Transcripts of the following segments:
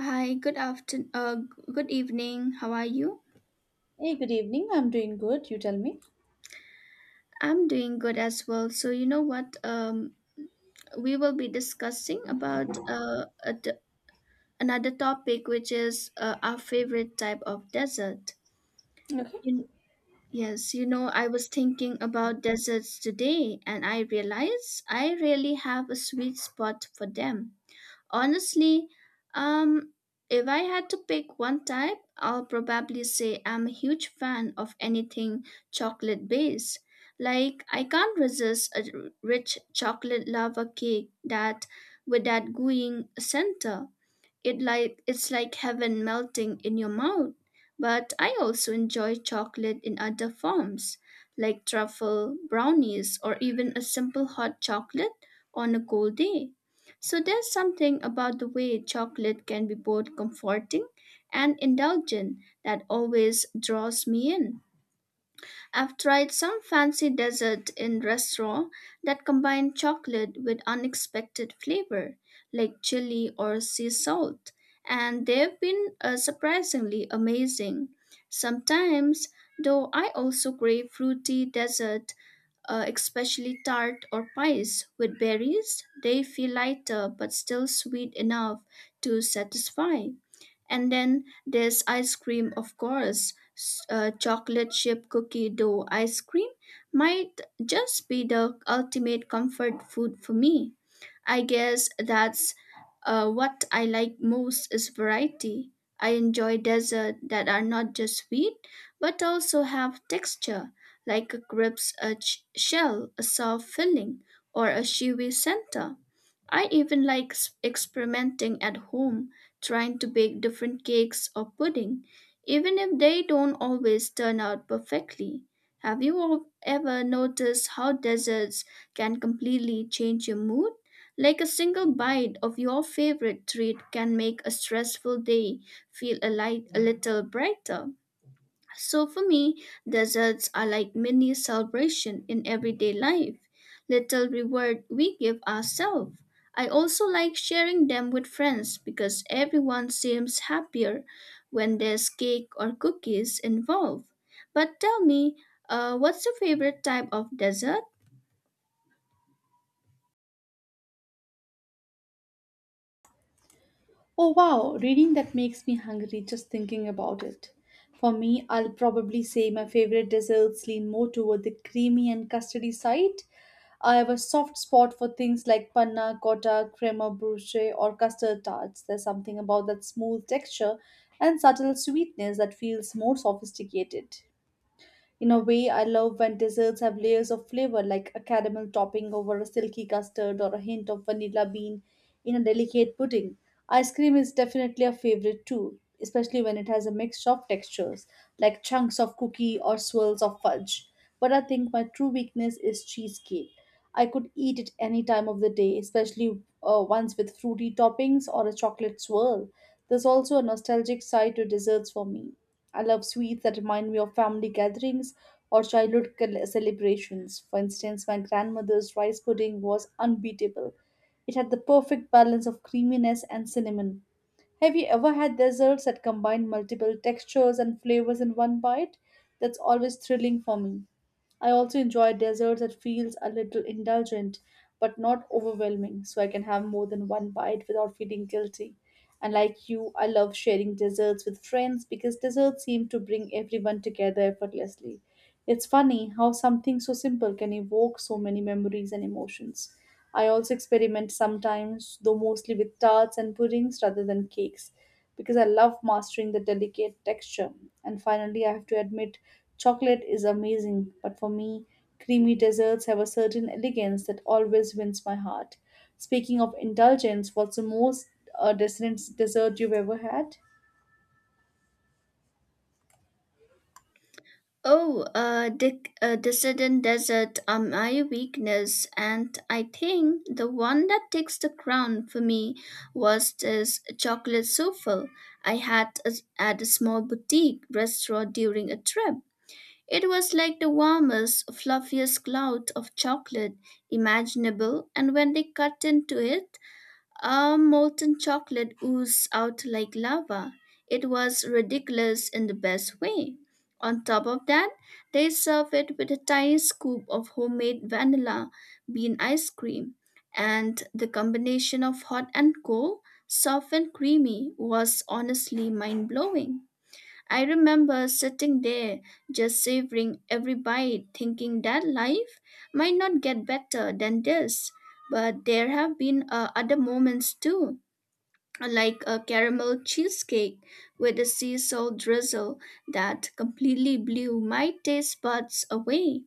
Hi, good afternoon, good evening. How are you? Hey, good evening. I'm doing good. You tell me. I'm doing good as well. So you know what? We will be discussing about another topic, which is our favorite type of desert. Okay. You, yes, you know, I was thinking about deserts today, and I realized I really have a sweet spot for them. Honestly, um, if I had to pick one type, I'll probably say I'm a huge fan of anything chocolate based. Like I can't resist rich chocolate lava cake that with that gooey center. It's like heaven melting in your mouth. But I also enjoy chocolate in other forms, like truffle, brownies, or even a simple hot chocolate on a cold day. So there's something about the way chocolate can be both comforting and indulgent that always draws me in. I've tried some fancy dessert in restaurant that combine chocolate with unexpected flavor, like chili or sea salt, and they've been surprisingly amazing. Sometimes, though, I also crave fruity dessert, especially tart or pies with berries. They feel lighter but still sweet enough to satisfy. And then there's ice cream, of course. Chocolate chip cookie dough ice cream might just be the ultimate comfort food for me. I guess that's what I like most is variety. I enjoy desserts that are not just sweet but also have texture, like a shell, a soft filling, or a chewy center. I even like experimenting at home, trying to bake different cakes or pudding, even if they don't always turn out perfectly. Have you all ever noticed how desserts can completely change your mood? Like a single bite of your favorite treat can make a stressful day feel a little brighter. So for me, deserts are like mini celebration in everyday life, little reward we give ourselves. I also like sharing them with friends because everyone seems happier when there's cake or cookies involved. But tell me, what's your favorite type of dessert? Oh, wow. Reading that makes me hungry just thinking about it. For me, I'll probably say my favorite desserts lean more toward the creamy and custardy side. I have a soft spot for things like panna cotta, crema brulee, or custard tarts. There's something about that smooth texture and subtle sweetness that feels more sophisticated. In a way, I love when desserts have layers of flavor, like a caramel topping over a silky custard or a hint of vanilla bean in a delicate pudding. Ice cream is definitely a favorite too, especially when it has a mix of textures, like chunks of cookie or swirls of fudge. But I think my true weakness is cheesecake. I could eat it any time of the day, especially ones with fruity toppings or a chocolate swirl. There's also a nostalgic side to desserts for me. I love sweets that remind me of family gatherings or childhood celebrations. For instance, my grandmother's rice pudding was unbeatable. It had the perfect balance of creaminess and cinnamon. Have you ever had desserts that combine multiple textures and flavors in one bite? That's always thrilling for me. I also enjoy desserts that feels a little indulgent but not overwhelming, so I can have more than one bite without feeling guilty. And like you, I love sharing desserts with friends because desserts seem to bring everyone together effortlessly. It's funny how something so simple can evoke so many memories and emotions. I also experiment sometimes, though mostly with tarts and puddings rather than cakes because I love mastering the delicate texture. And finally, I have to admit, chocolate is amazing, but for me, creamy desserts have a certain elegance that always wins my heart. Speaking of indulgence, what's the most decadent dessert you've ever had? Oh, Dissident Desert are my weakness, and I think the one that takes the crown for me was this chocolate souffle I had at a small boutique restaurant during a trip. It was like the warmest, fluffiest cloud of chocolate imaginable, and when they cut into it, our molten chocolate oozed out like lava. It was ridiculous in the best way. On top of that, they served it with a tiny scoop of homemade vanilla bean ice cream, and the combination of hot and cold, soft and creamy, was honestly mind blowing. I remember sitting there just savoring every bite, thinking that life might not get better than this. But there have been other moments too, like a caramel cheesecake with a sea salt drizzle that completely blew my taste buds away.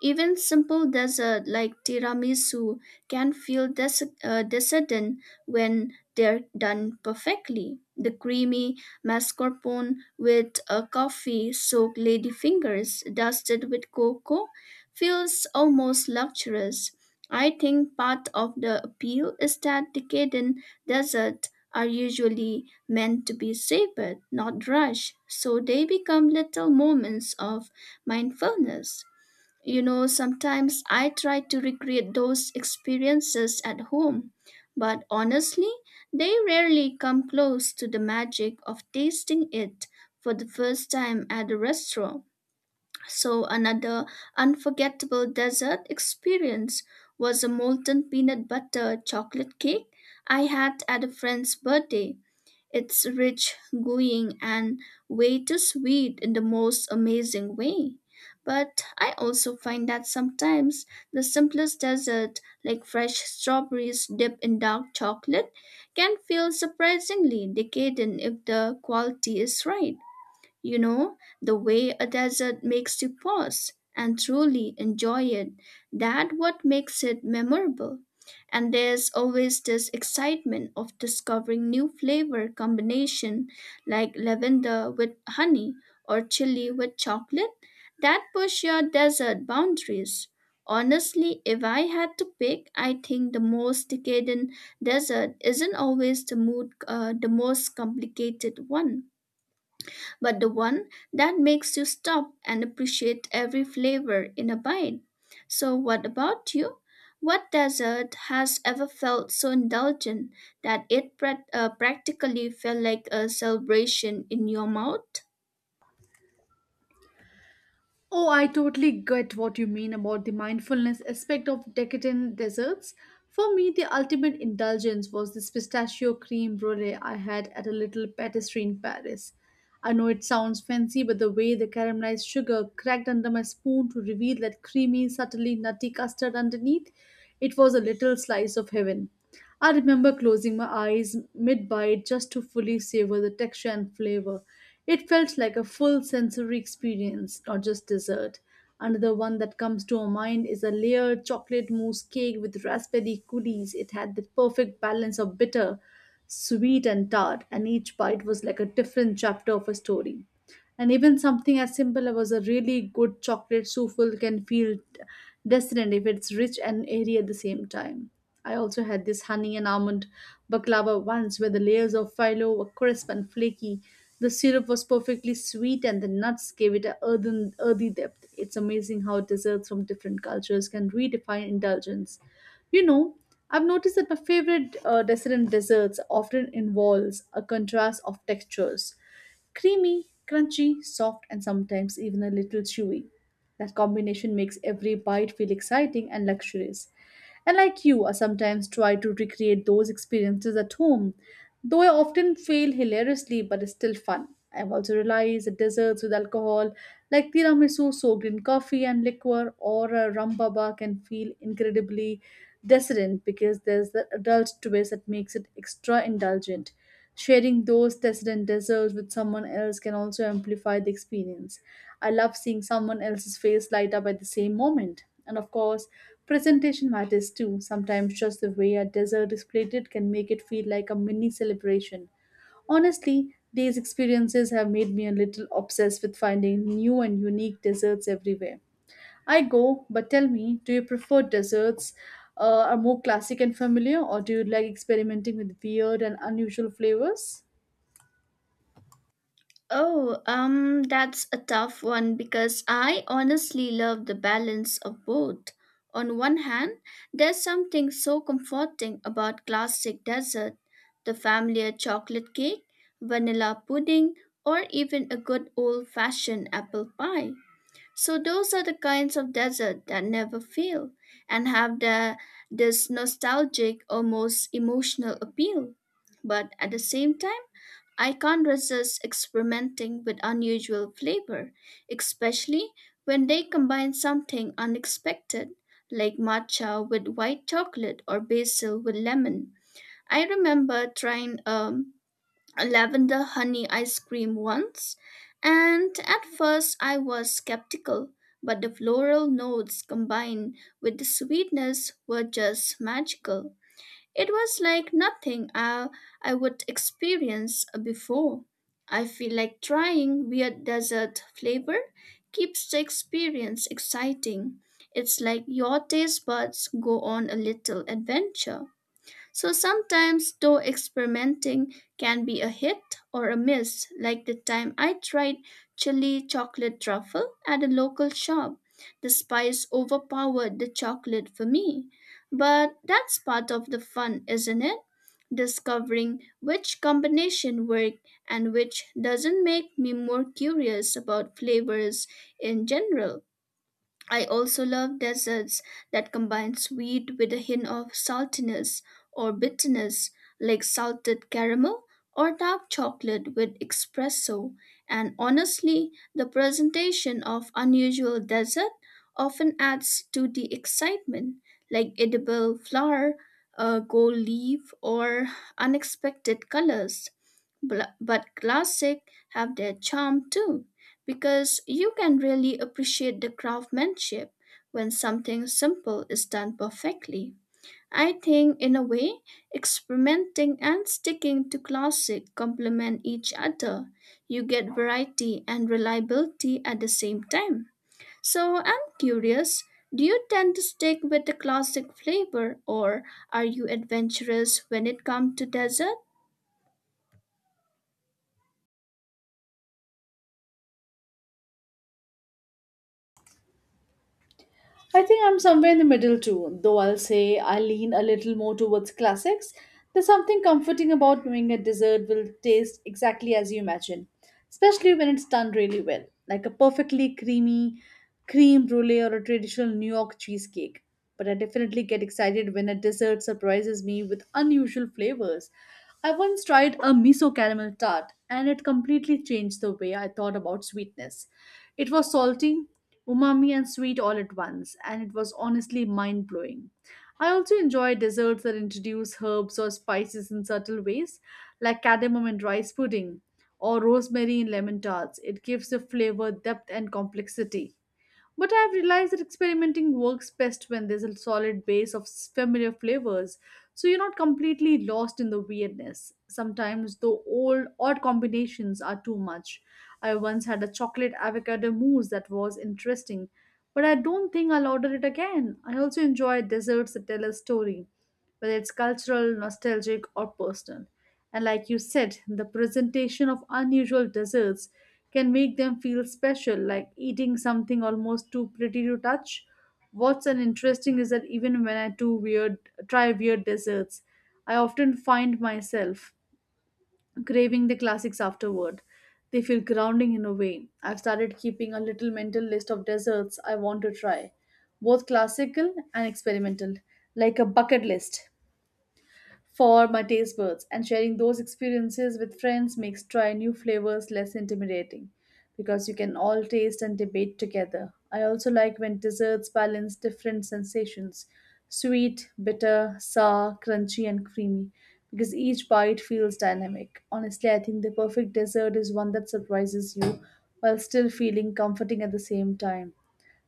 Even simple dessert like tiramisu can feel decadent when they're done perfectly. The creamy mascarpone with a coffee soaked ladyfingers dusted with cocoa feels almost luxurious. I think part of the appeal is that decadent desserts are usually meant to be savored, not rushed, so they become little moments of mindfulness. You know, sometimes I try to recreate those experiences at home, but honestly, they rarely come close to the magic of tasting it for the first time at a restaurant. So, another unforgettable dessert experience was a molten peanut butter chocolate cake I had at a friend's birthday. It's rich, gooey, and way too sweet in the most amazing way. But I also find that sometimes the simplest dessert, like fresh strawberries dipped in dark chocolate, can feel surprisingly decadent if the quality is right. You know, the way a desert makes you pause and truly enjoy it, that what makes it memorable. And there's always this excitement of discovering new flavor combination like lavender with honey or chili with chocolate that push your desert boundaries. Honestly, if I had to pick, I think the most decadent desert isn't always the the most complicated one but the one that makes you stop and appreciate every flavor in a bite. So, what about you? What dessert has ever felt so indulgent that it practically felt like a celebration in your mouth? Oh, I totally get what you mean about the mindfulness aspect of decadent desserts. For me, the ultimate indulgence was this pistachio cream brulee I had at a little patisserie in Paris. I know it sounds fancy, but the way the caramelized sugar cracked under my spoon to reveal that creamy, subtly nutty custard underneath, it was a little slice of heaven. I remember closing my eyes mid bite just to fully savor the texture and flavor. It felt like a full sensory experience, not just dessert. Another one that comes to our mind is a layered chocolate mousse cake with raspberry coulis. It had the perfect balance of bitter, sweet, and tart, and each bite was like a different chapter of a story. And even something as simple as a really good chocolate souffle can feel dissonant if it's rich and airy at the same time. I also had this honey and almond baklava once where the layers of phyllo were crisp and flaky. The syrup was perfectly sweet and the nuts gave it a earthy depth. It's amazing how desserts from different cultures can redefine indulgence. You know, I've noticed that my favorite desserts often involves a contrast of textures. Creamy, crunchy, soft, and sometimes even a little chewy. That combination makes every bite feel exciting and luxurious. And like you, I sometimes try to recreate those experiences at home, though I often fail hilariously, but it's still fun. I've also realized that desserts with alcohol, like tiramisu soaked in coffee and liquor, or a rum baba, can feel incredibly decadent because there's the adult twist that makes it extra indulgent. Sharing those tastes and desserts with someone else can also amplify the experience. I love seeing someone else's face light up at the same moment. And of course, presentation matters too. Sometimes just the way a dessert is plated can make it feel like a mini celebration. Honestly, these experiences have made me a little obsessed with finding new and unique desserts everywhere. I go, but tell me, do you prefer desserts are more classic and familiar, or do you like experimenting with weird and unusual flavors? Oh, that's a tough one because I honestly love the balance of both. On one hand, there's something so comforting about classic dessert, the familiar chocolate cake, vanilla pudding, or even a good old fashioned apple pie. So, those are the kinds of dessert that never fail and have this nostalgic, almost emotional appeal. But at the same time, I can't resist experimenting with unusual flavor, especially when they combine something unexpected, like matcha with white chocolate or basil with lemon. I remember trying a lavender honey ice cream once, and at first I was skeptical, but the floral notes combined with the sweetness were just magical. It was like nothing I would experience before. I feel like trying weird dessert flavor keeps the experience exciting. It's like your taste buds go on a little adventure. So sometimes, though, experimenting can be a hit or a miss, like the time I tried chili chocolate truffle at a local shop. The spice overpowered the chocolate for me. But that's part of the fun, isn't it? Discovering which combination work and which doesn't make me more curious about flavors in general. I also love desserts that combine sweet with a hint of saltiness or bitterness, like salted caramel or dark chocolate with espresso. And honestly, the presentation of unusual dessert often adds to the excitement, like edible flower, gold leaf, or unexpected colors. But classic have their charm too, because you can really appreciate the craftsmanship when something simple is done perfectly. I think, in a way, experimenting and sticking to classic complement each other. You get variety and reliability at the same time. So, I'm curious, do you tend to stick with the classic flavor or are you adventurous when it comes to dessert? I think I'm somewhere in the middle too, though I'll say I lean a little more towards classics. There's something comforting about knowing a dessert will taste exactly as you imagine, especially when it's done really well, like a perfectly creamy cream brulee or a traditional New York cheesecake. But I definitely get excited when a dessert surprises me with unusual flavors. I once tried a miso caramel tart, and it completely changed the way I thought about sweetness. It was salty, umami and sweet all at once, and it was honestly mind blowing. I also enjoy desserts that introduce herbs or spices in subtle ways, like cardamom and rice pudding or rosemary in lemon tarts. It gives the flavor depth and complexity. But I've realized that experimenting works best when there's a solid base of familiar flavors, so you're not completely lost in the weirdness. Sometimes the old odd combinations are too much. I once had a chocolate avocado mousse that was interesting, but I don't think I'll order it again. I also enjoy desserts that tell a story whether it's cultural, nostalgic, or personal. And like you said, the presentation of unusual desserts can make them feel special, like eating something almost too pretty to touch. What's an interesting is that even when I try weird desserts, I often find myself craving the classics afterward. They feel grounding in a way. I've started keeping a little mental list of desserts I want to try, both classical and experimental, like a bucket list for my taste buds, and sharing those experiences with friends makes trying new flavors less intimidating because you can all taste and debate together. I also like when desserts balance different sensations sweet, bitter, sour, crunchy, and creamy because each bite feels dynamic. Honestly, I think the perfect dessert is one that surprises you while still feeling comforting at the same time.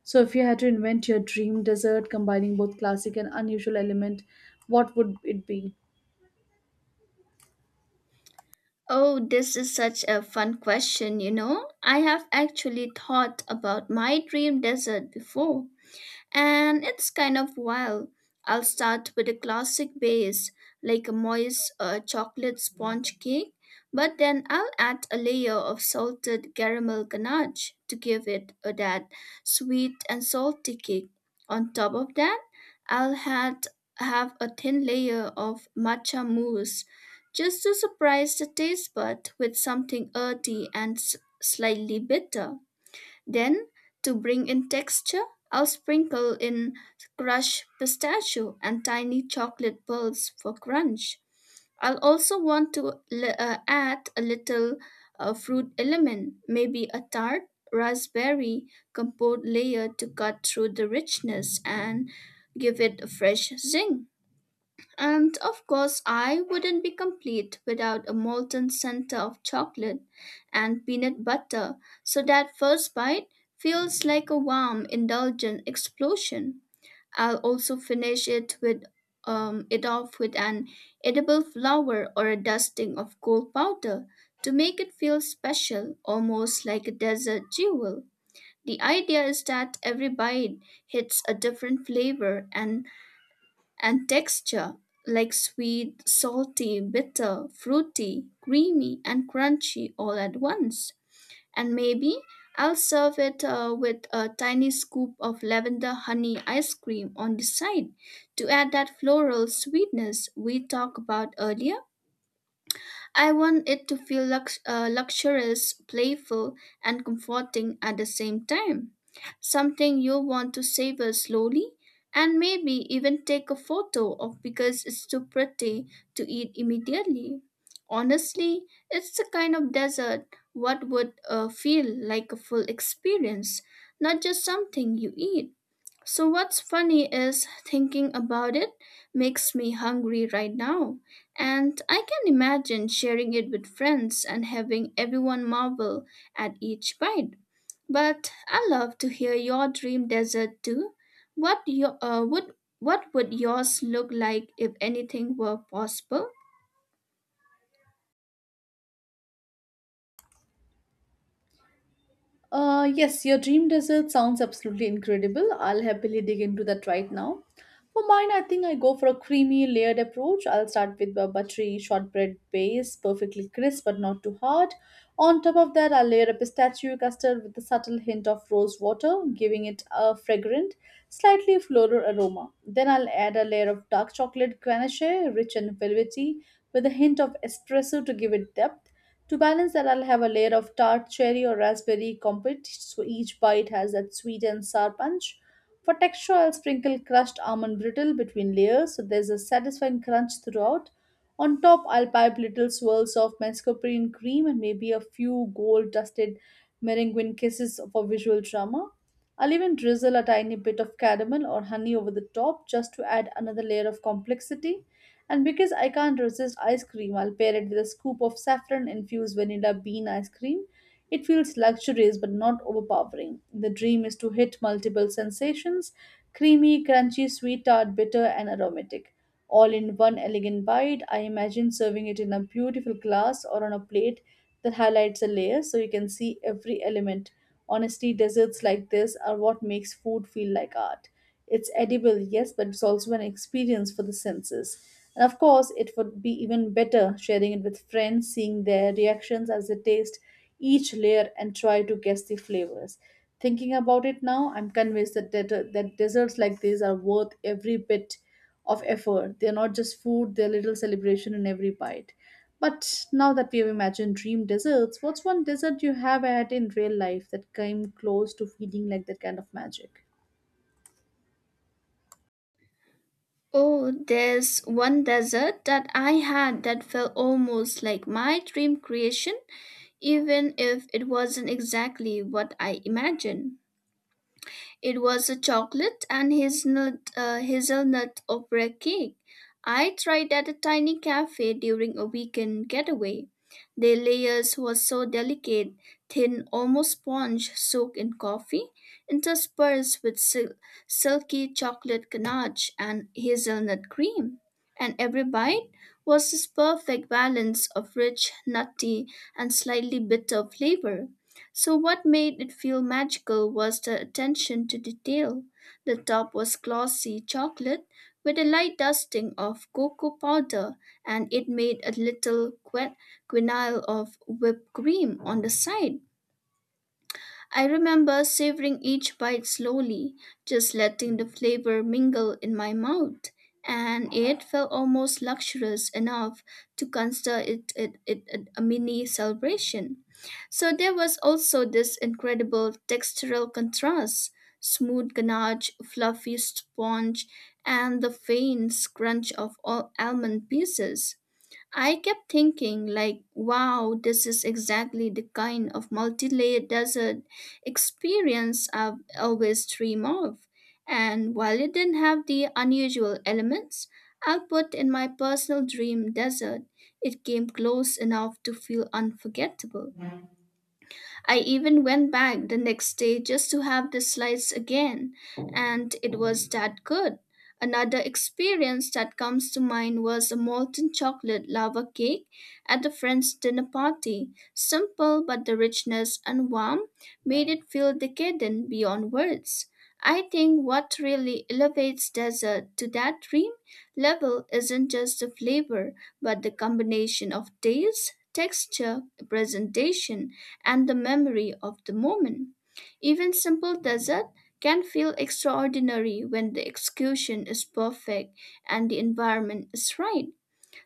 So, if you had to invent your dream dessert combining both classic and unusual element, what would it be? Oh, this is such a fun question, you know. I have actually thought about my dream desert before and it's kind of wild. I'll start with a classic base, like a moist chocolate sponge cake, but then I'll add a layer of salted caramel ganache to give it that sweet and salty kick. On top of that, I'll had, have a thin layer of matcha mousse just to surprise the taste bud with something earthy and slightly bitter. Then, to bring in texture, I'll sprinkle in crushed pistachio and tiny chocolate pearls for crunch. I'll also want to add a little fruit element, maybe a tart, raspberry compote layer to cut through the richness and give it a fresh zing. And of course, I wouldn't be complete without a molten center of chocolate and peanut butter, so that first bite feels like a warm, indulgent explosion. I'll also finish it off with an edible flower or a dusting of gold powder to make it feel special, almost like a desert jewel. The idea is that every bite hits a different flavor and texture like sweet, salty, bitter, fruity, creamy, and crunchy all at once. And maybe I'll serve it with a tiny scoop of lavender honey ice cream on the side to add that floral sweetness we talked about earlier. I want it to feel luxurious, playful, and comforting at the same time. Something you'll want to savor slowly and maybe even take a photo of because it's too pretty to eat immediately. Honestly, it's the kind of dessert what would feel like a full experience, not just something you eat. So, what's funny is thinking about it makes me hungry right now, and I can imagine sharing it with friends and having everyone marvel at each bite. But I love to hear your dream dessert too. What your uh, would what would yours look like if anything were possible? Yes, your dream desert sounds absolutely incredible. I'll happily dig into that right now. For mine, I think I go for a creamy, layered approach. I'll start with a buttery shortbread base, perfectly crisp but not too hard. On top of that, I'll layer a pistachio custard with a subtle hint of rose water, giving it a fragrant, slightly floral aroma. Then I'll add a layer of dark chocolate ganache, rich and velvety, with a hint of espresso to give it depth. To balance that, I'll have a layer of tart cherry or raspberry compote, so each bite has that sweet and sour punch. For texture, I'll sprinkle crushed almond brittle between layers, so there's a satisfying crunch throughout. On top, I'll pipe little swirls of mascarpone cream and maybe a few gold-dusted meringue kisses for visual drama. I'll even drizzle a tiny bit of caramel or honey over the top just to add another layer of complexity. And because I can't resist ice cream, I'll pair it with a scoop of saffron infused vanilla bean ice cream. It feels luxurious but not overpowering. The dream is to hit multiple sensations creamy, crunchy, sweet, tart, bitter, and aromatic. All in one elegant bite, I imagine serving it in a beautiful glass or on a plate that highlights a layer so you can see every element. Honestly, desserts like this are what makes food feel like art. It's edible, yes, but it's also an experience for the senses. And of course, it would be even better sharing it with friends, seeing their reactions as they taste each layer and try to guess the flavors. Thinking about it now, I'm convinced that desserts like these are worth every bit of effort. They're not just food, they're little celebration in every bite. But now that we have imagined dream desserts, what's one dessert you have had in real life that came close to feeling like that kind of magic? Oh, there's one dessert that I had that felt almost like my dream creation, even if it wasn't exactly what I imagined. It was a chocolate and hazelnut opera cake. I tried at a tiny cafe during a weekend getaway. The layers were so delicate, thin, almost sponge soaked in coffee, interspersed with silky chocolate ganache and hazelnut cream. And every bite was this perfect balance of rich, nutty, and slightly bitter flavor. So, what made it feel magical was the attention to detail. The top was glossy chocolate with a light dusting of cocoa powder, and it made a little quenelle of whipped cream on the side. I remember savoring each bite slowly, just letting the flavor mingle in my mouth, and it felt almost luxurious enough to consider it a mini celebration. So there was also this incredible textural contrast, smooth ganache, fluffy sponge, and the faint crunch of all almond pieces. I kept thinking, wow, this is exactly the kind of multi-layered desert experience I've always dreamed of. And while it didn't have the unusual elements I'll put in my personal dream desert, it came close enough to feel unforgettable. I even went back the next day just to have the slides again, and it was that good. Another experience that comes to mind was a molten chocolate lava cake at a friend's dinner party. Simple, but the richness and warmth made it feel decadent beyond words. I think what really elevates dessert to that dream level isn't just the flavor, but the combination of taste, texture, presentation, and the memory of the moment. Even simple dessert can feel extraordinary when the execution is perfect and the environment is right.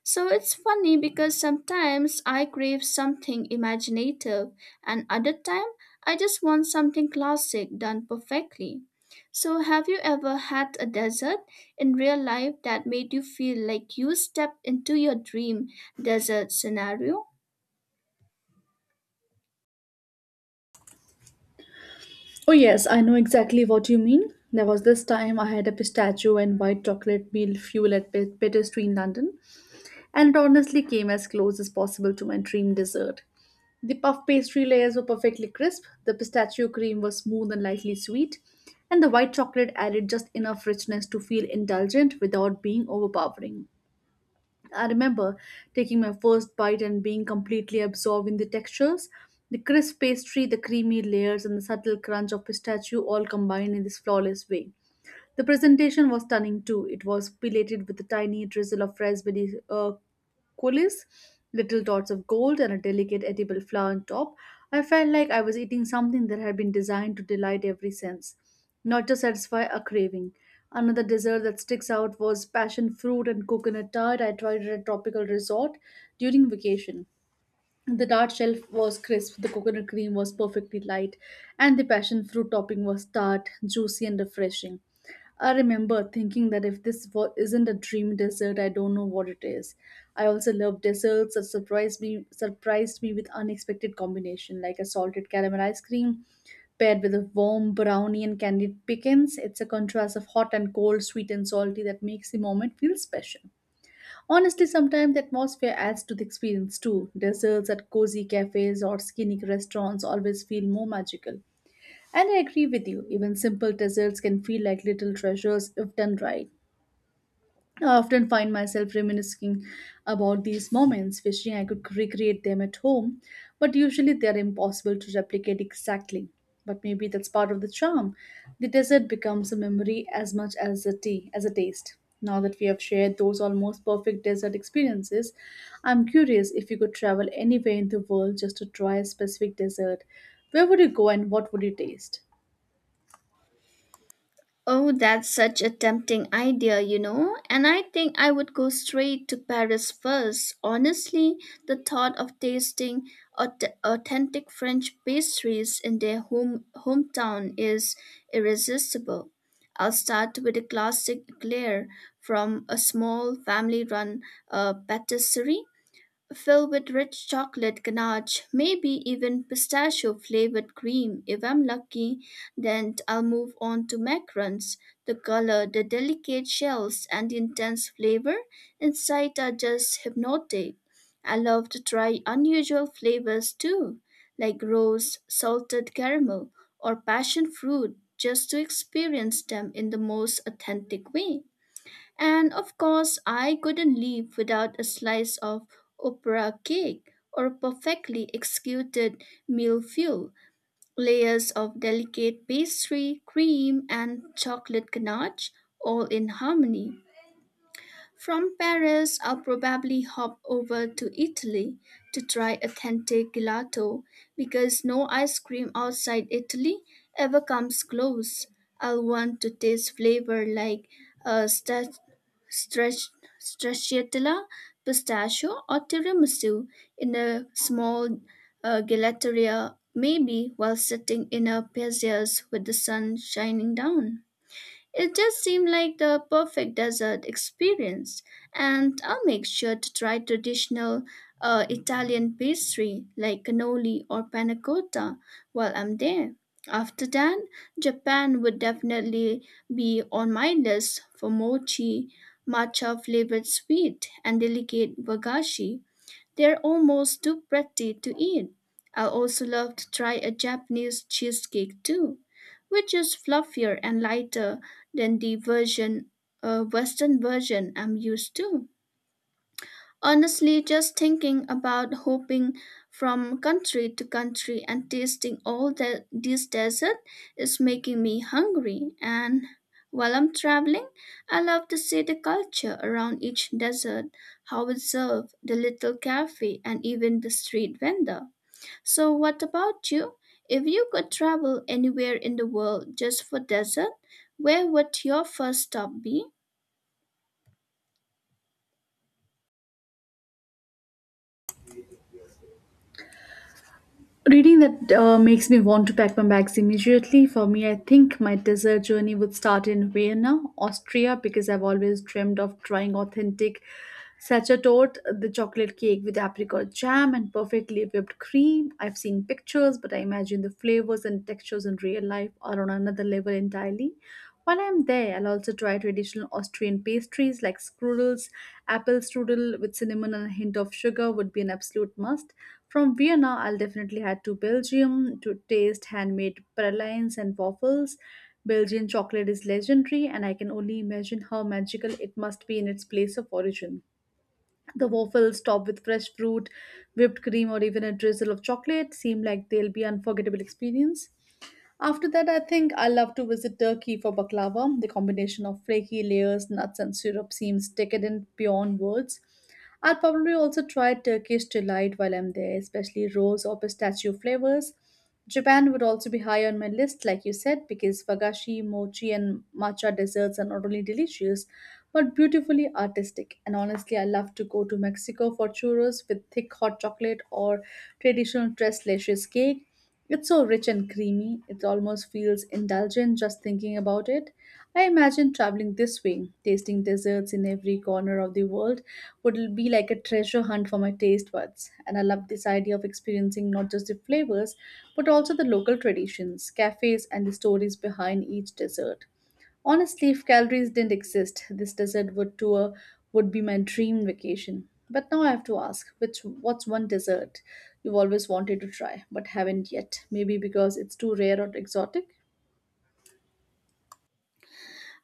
So it's funny because sometimes I crave something imaginative and other time I just want something classic done perfectly. So have you ever had a dessert in real life that made you feel like you stepped into your dream desert scenario? Oh, yes, I know exactly what you mean. There was this time I had a pistachio and white chocolate meal fuel at Peter Street in London, and it honestly came as close as possible to my dream dessert. The puff pastry layers were perfectly crisp, the pistachio cream was smooth and lightly sweet, and the white chocolate added just enough richness to feel indulgent without being overpowering. I remember taking my first bite and being completely absorbed in the textures. The crisp pastry, the creamy layers, and the subtle crunch of pistachio all combined in this flawless way. The presentation was stunning too. It was pilated with a tiny drizzle of raspberry coulis, little dots of gold, and a delicate edible flower on top. I felt like I was eating something that had been designed to delight every sense, not to satisfy a craving. Another dessert that sticks out was passion fruit and coconut tart. I tried at a tropical resort during vacation. The tart shell was crisp, the coconut cream was perfectly light, and the passion fruit topping was tart, juicy, and refreshing. I remember thinking that if isn't a dream dessert, I don't know what it is. I also love desserts that surprised me with unexpected combination, like a salted caramel ice cream paired with a warm brownie and candied pecans. It's a contrast of hot and cold, sweet and salty that makes the moment feel special. Honestly, sometimes the atmosphere adds to the experience too. Desserts at cozy cafes or scenic restaurants always feel more magical. And I agree with you, even simple desserts can feel like little treasures if done right. I often find myself reminiscing about these moments, wishing I could recreate them at home, but usually they are impossible to replicate exactly. But maybe that's part of the charm. The dessert becomes a memory as much as a tea, as a taste. Now that we have shared those almost perfect desert experiences, I'm curious if you could travel anywhere in the world just to try a specific dessert. Where would you go and what would you taste? Oh, that's such a tempting idea. And I think I would go straight to Paris first. Honestly, the thought of tasting authentic French pastries in their hometown is irresistible. I'll start with a classic eclair from a small family run patisserie, fill with rich chocolate ganache, maybe even pistachio flavored cream if I'm lucky. Then I'll move on to macarons. The color, the delicate shells, and the intense flavor inside are just hypnotic. I love to try unusual flavors too, like rose, salted caramel, or passion fruit, just to experience them in the most authentic way. And of course, I couldn't live without a slice of opera cake or perfectly executed millefeuille, layers of delicate pastry, cream, and chocolate ganache, all in harmony. From Paris, I'll probably hop over to Italy to try authentic gelato because no ice cream outside Italy ever comes close. I'll want to taste flavor like uh, sta- strach- stracciatella, pistachio, or tiramisu in a small gelateria, maybe while sitting in a piazza with the sun shining down. It just seemed like the perfect desert experience, and I'll make sure to try traditional Italian pastry like cannoli or panna cotta while I'm there. After that, Japan would definitely be on my list for mochi, matcha flavored sweet, and delicate wagashi. They're almost too pretty to eat. I also love to try a Japanese cheesecake too, which is fluffier and lighter than the Western version I'm used to. Honestly, just thinking about hopping from country to country and tasting this desert is making me hungry. And while I'm traveling, I love to see the culture around each desert, how it's served, the little cafe, and even the street vendor. So, what about you? If you could travel anywhere in the world just for desert, where would your first stop be? Reading that makes me want to pack my bags immediately. For me, I think my desert journey would start in Vienna, Austria, because I've always dreamed of trying authentic Sachertorte, the chocolate cake with apricot jam and perfectly whipped cream. I've seen pictures, but I imagine the flavors and textures in real life are on another level entirely. While I'm there, I'll also try traditional Austrian pastries like strudels. Apple strudel with cinnamon and a hint of sugar would be an absolute must. From Vienna, I'll definitely head to Belgium to taste handmade pralines and waffles. Belgian chocolate is legendary, and I can only imagine how magical it must be in its place of origin. The waffles, topped with fresh fruit, whipped cream, or even a drizzle of chocolate, seem like they'll be unforgettable experience. After that, I think I love to visit Turkey for baklava. The combination of flaky layers, nuts, and syrup seems decadent beyond words. I'll probably also try Turkish delight while I'm there, especially rose or pistachio flavors. Japan would also be high on my list, like you said, because wagashi, mochi, and matcha desserts are not only delicious but beautifully artistic. And honestly, I love to go to Mexico for churros with thick hot chocolate or traditional tres leches cake. It's so rich and creamy, it almost feels indulgent just thinking about it. I imagine traveling this way, tasting desserts in every corner of the world, would be like a treasure hunt for my taste buds. And I love this idea of experiencing not just the flavors, but also the local traditions, cafes, and the stories behind each dessert. Honestly, if calories didn't exist, this desert would tour would be my dream vacation. But now I have to ask, which what's one dessert you've always wanted to try but haven't yet? Maybe because it's too rare or exotic?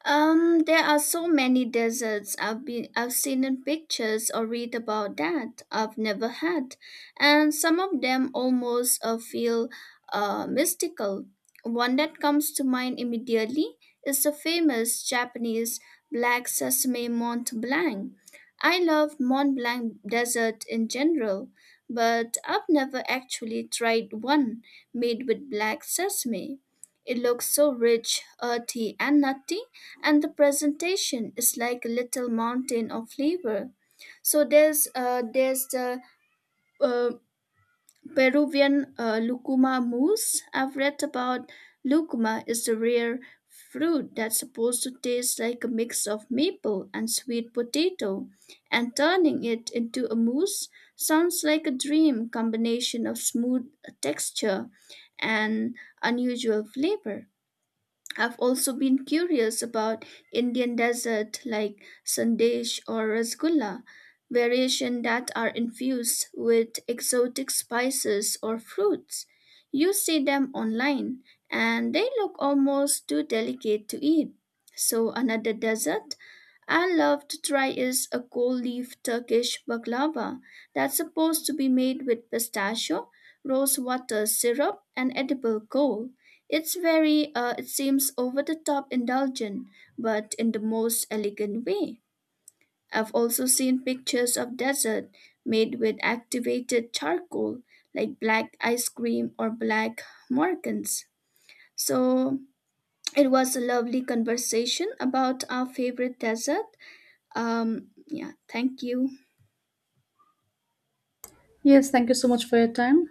There are so many deserts I've seen in pictures or read about that I've never had, and some of them almost feel mystical. One that comes to mind immediately is the famous Japanese Black Sesame Mont Blanc. I love Mont Blanc desert in general, but I've never actually tried one made with black sesame. It looks so rich, earthy, and nutty, and the presentation is like a little mountain of flavor. So there's the uh, Peruvian lucuma mousse I've read about. Lucuma is the rare fruit that's supposed to taste like a mix of maple and sweet potato, and turning it into a mousse sounds like a dream combination of smooth texture and unusual flavor. I've also been curious about Indian dessert like sandesh or rasgulla, variation that are infused with exotic spices or fruits. You see them online and they look almost too delicate to eat. So another dessert I love to try is a gold leaf Turkish baklava that's supposed to be made with pistachio, rose water syrup, and edible gold. It's it seems over the top indulgent, but in the most elegant way. I've also seen pictures of dessert made with activated charcoal, like black ice cream or black morgans. So it was a lovely conversation about our favorite dessert. Yeah, thank you. Yes, thank you so much for your time.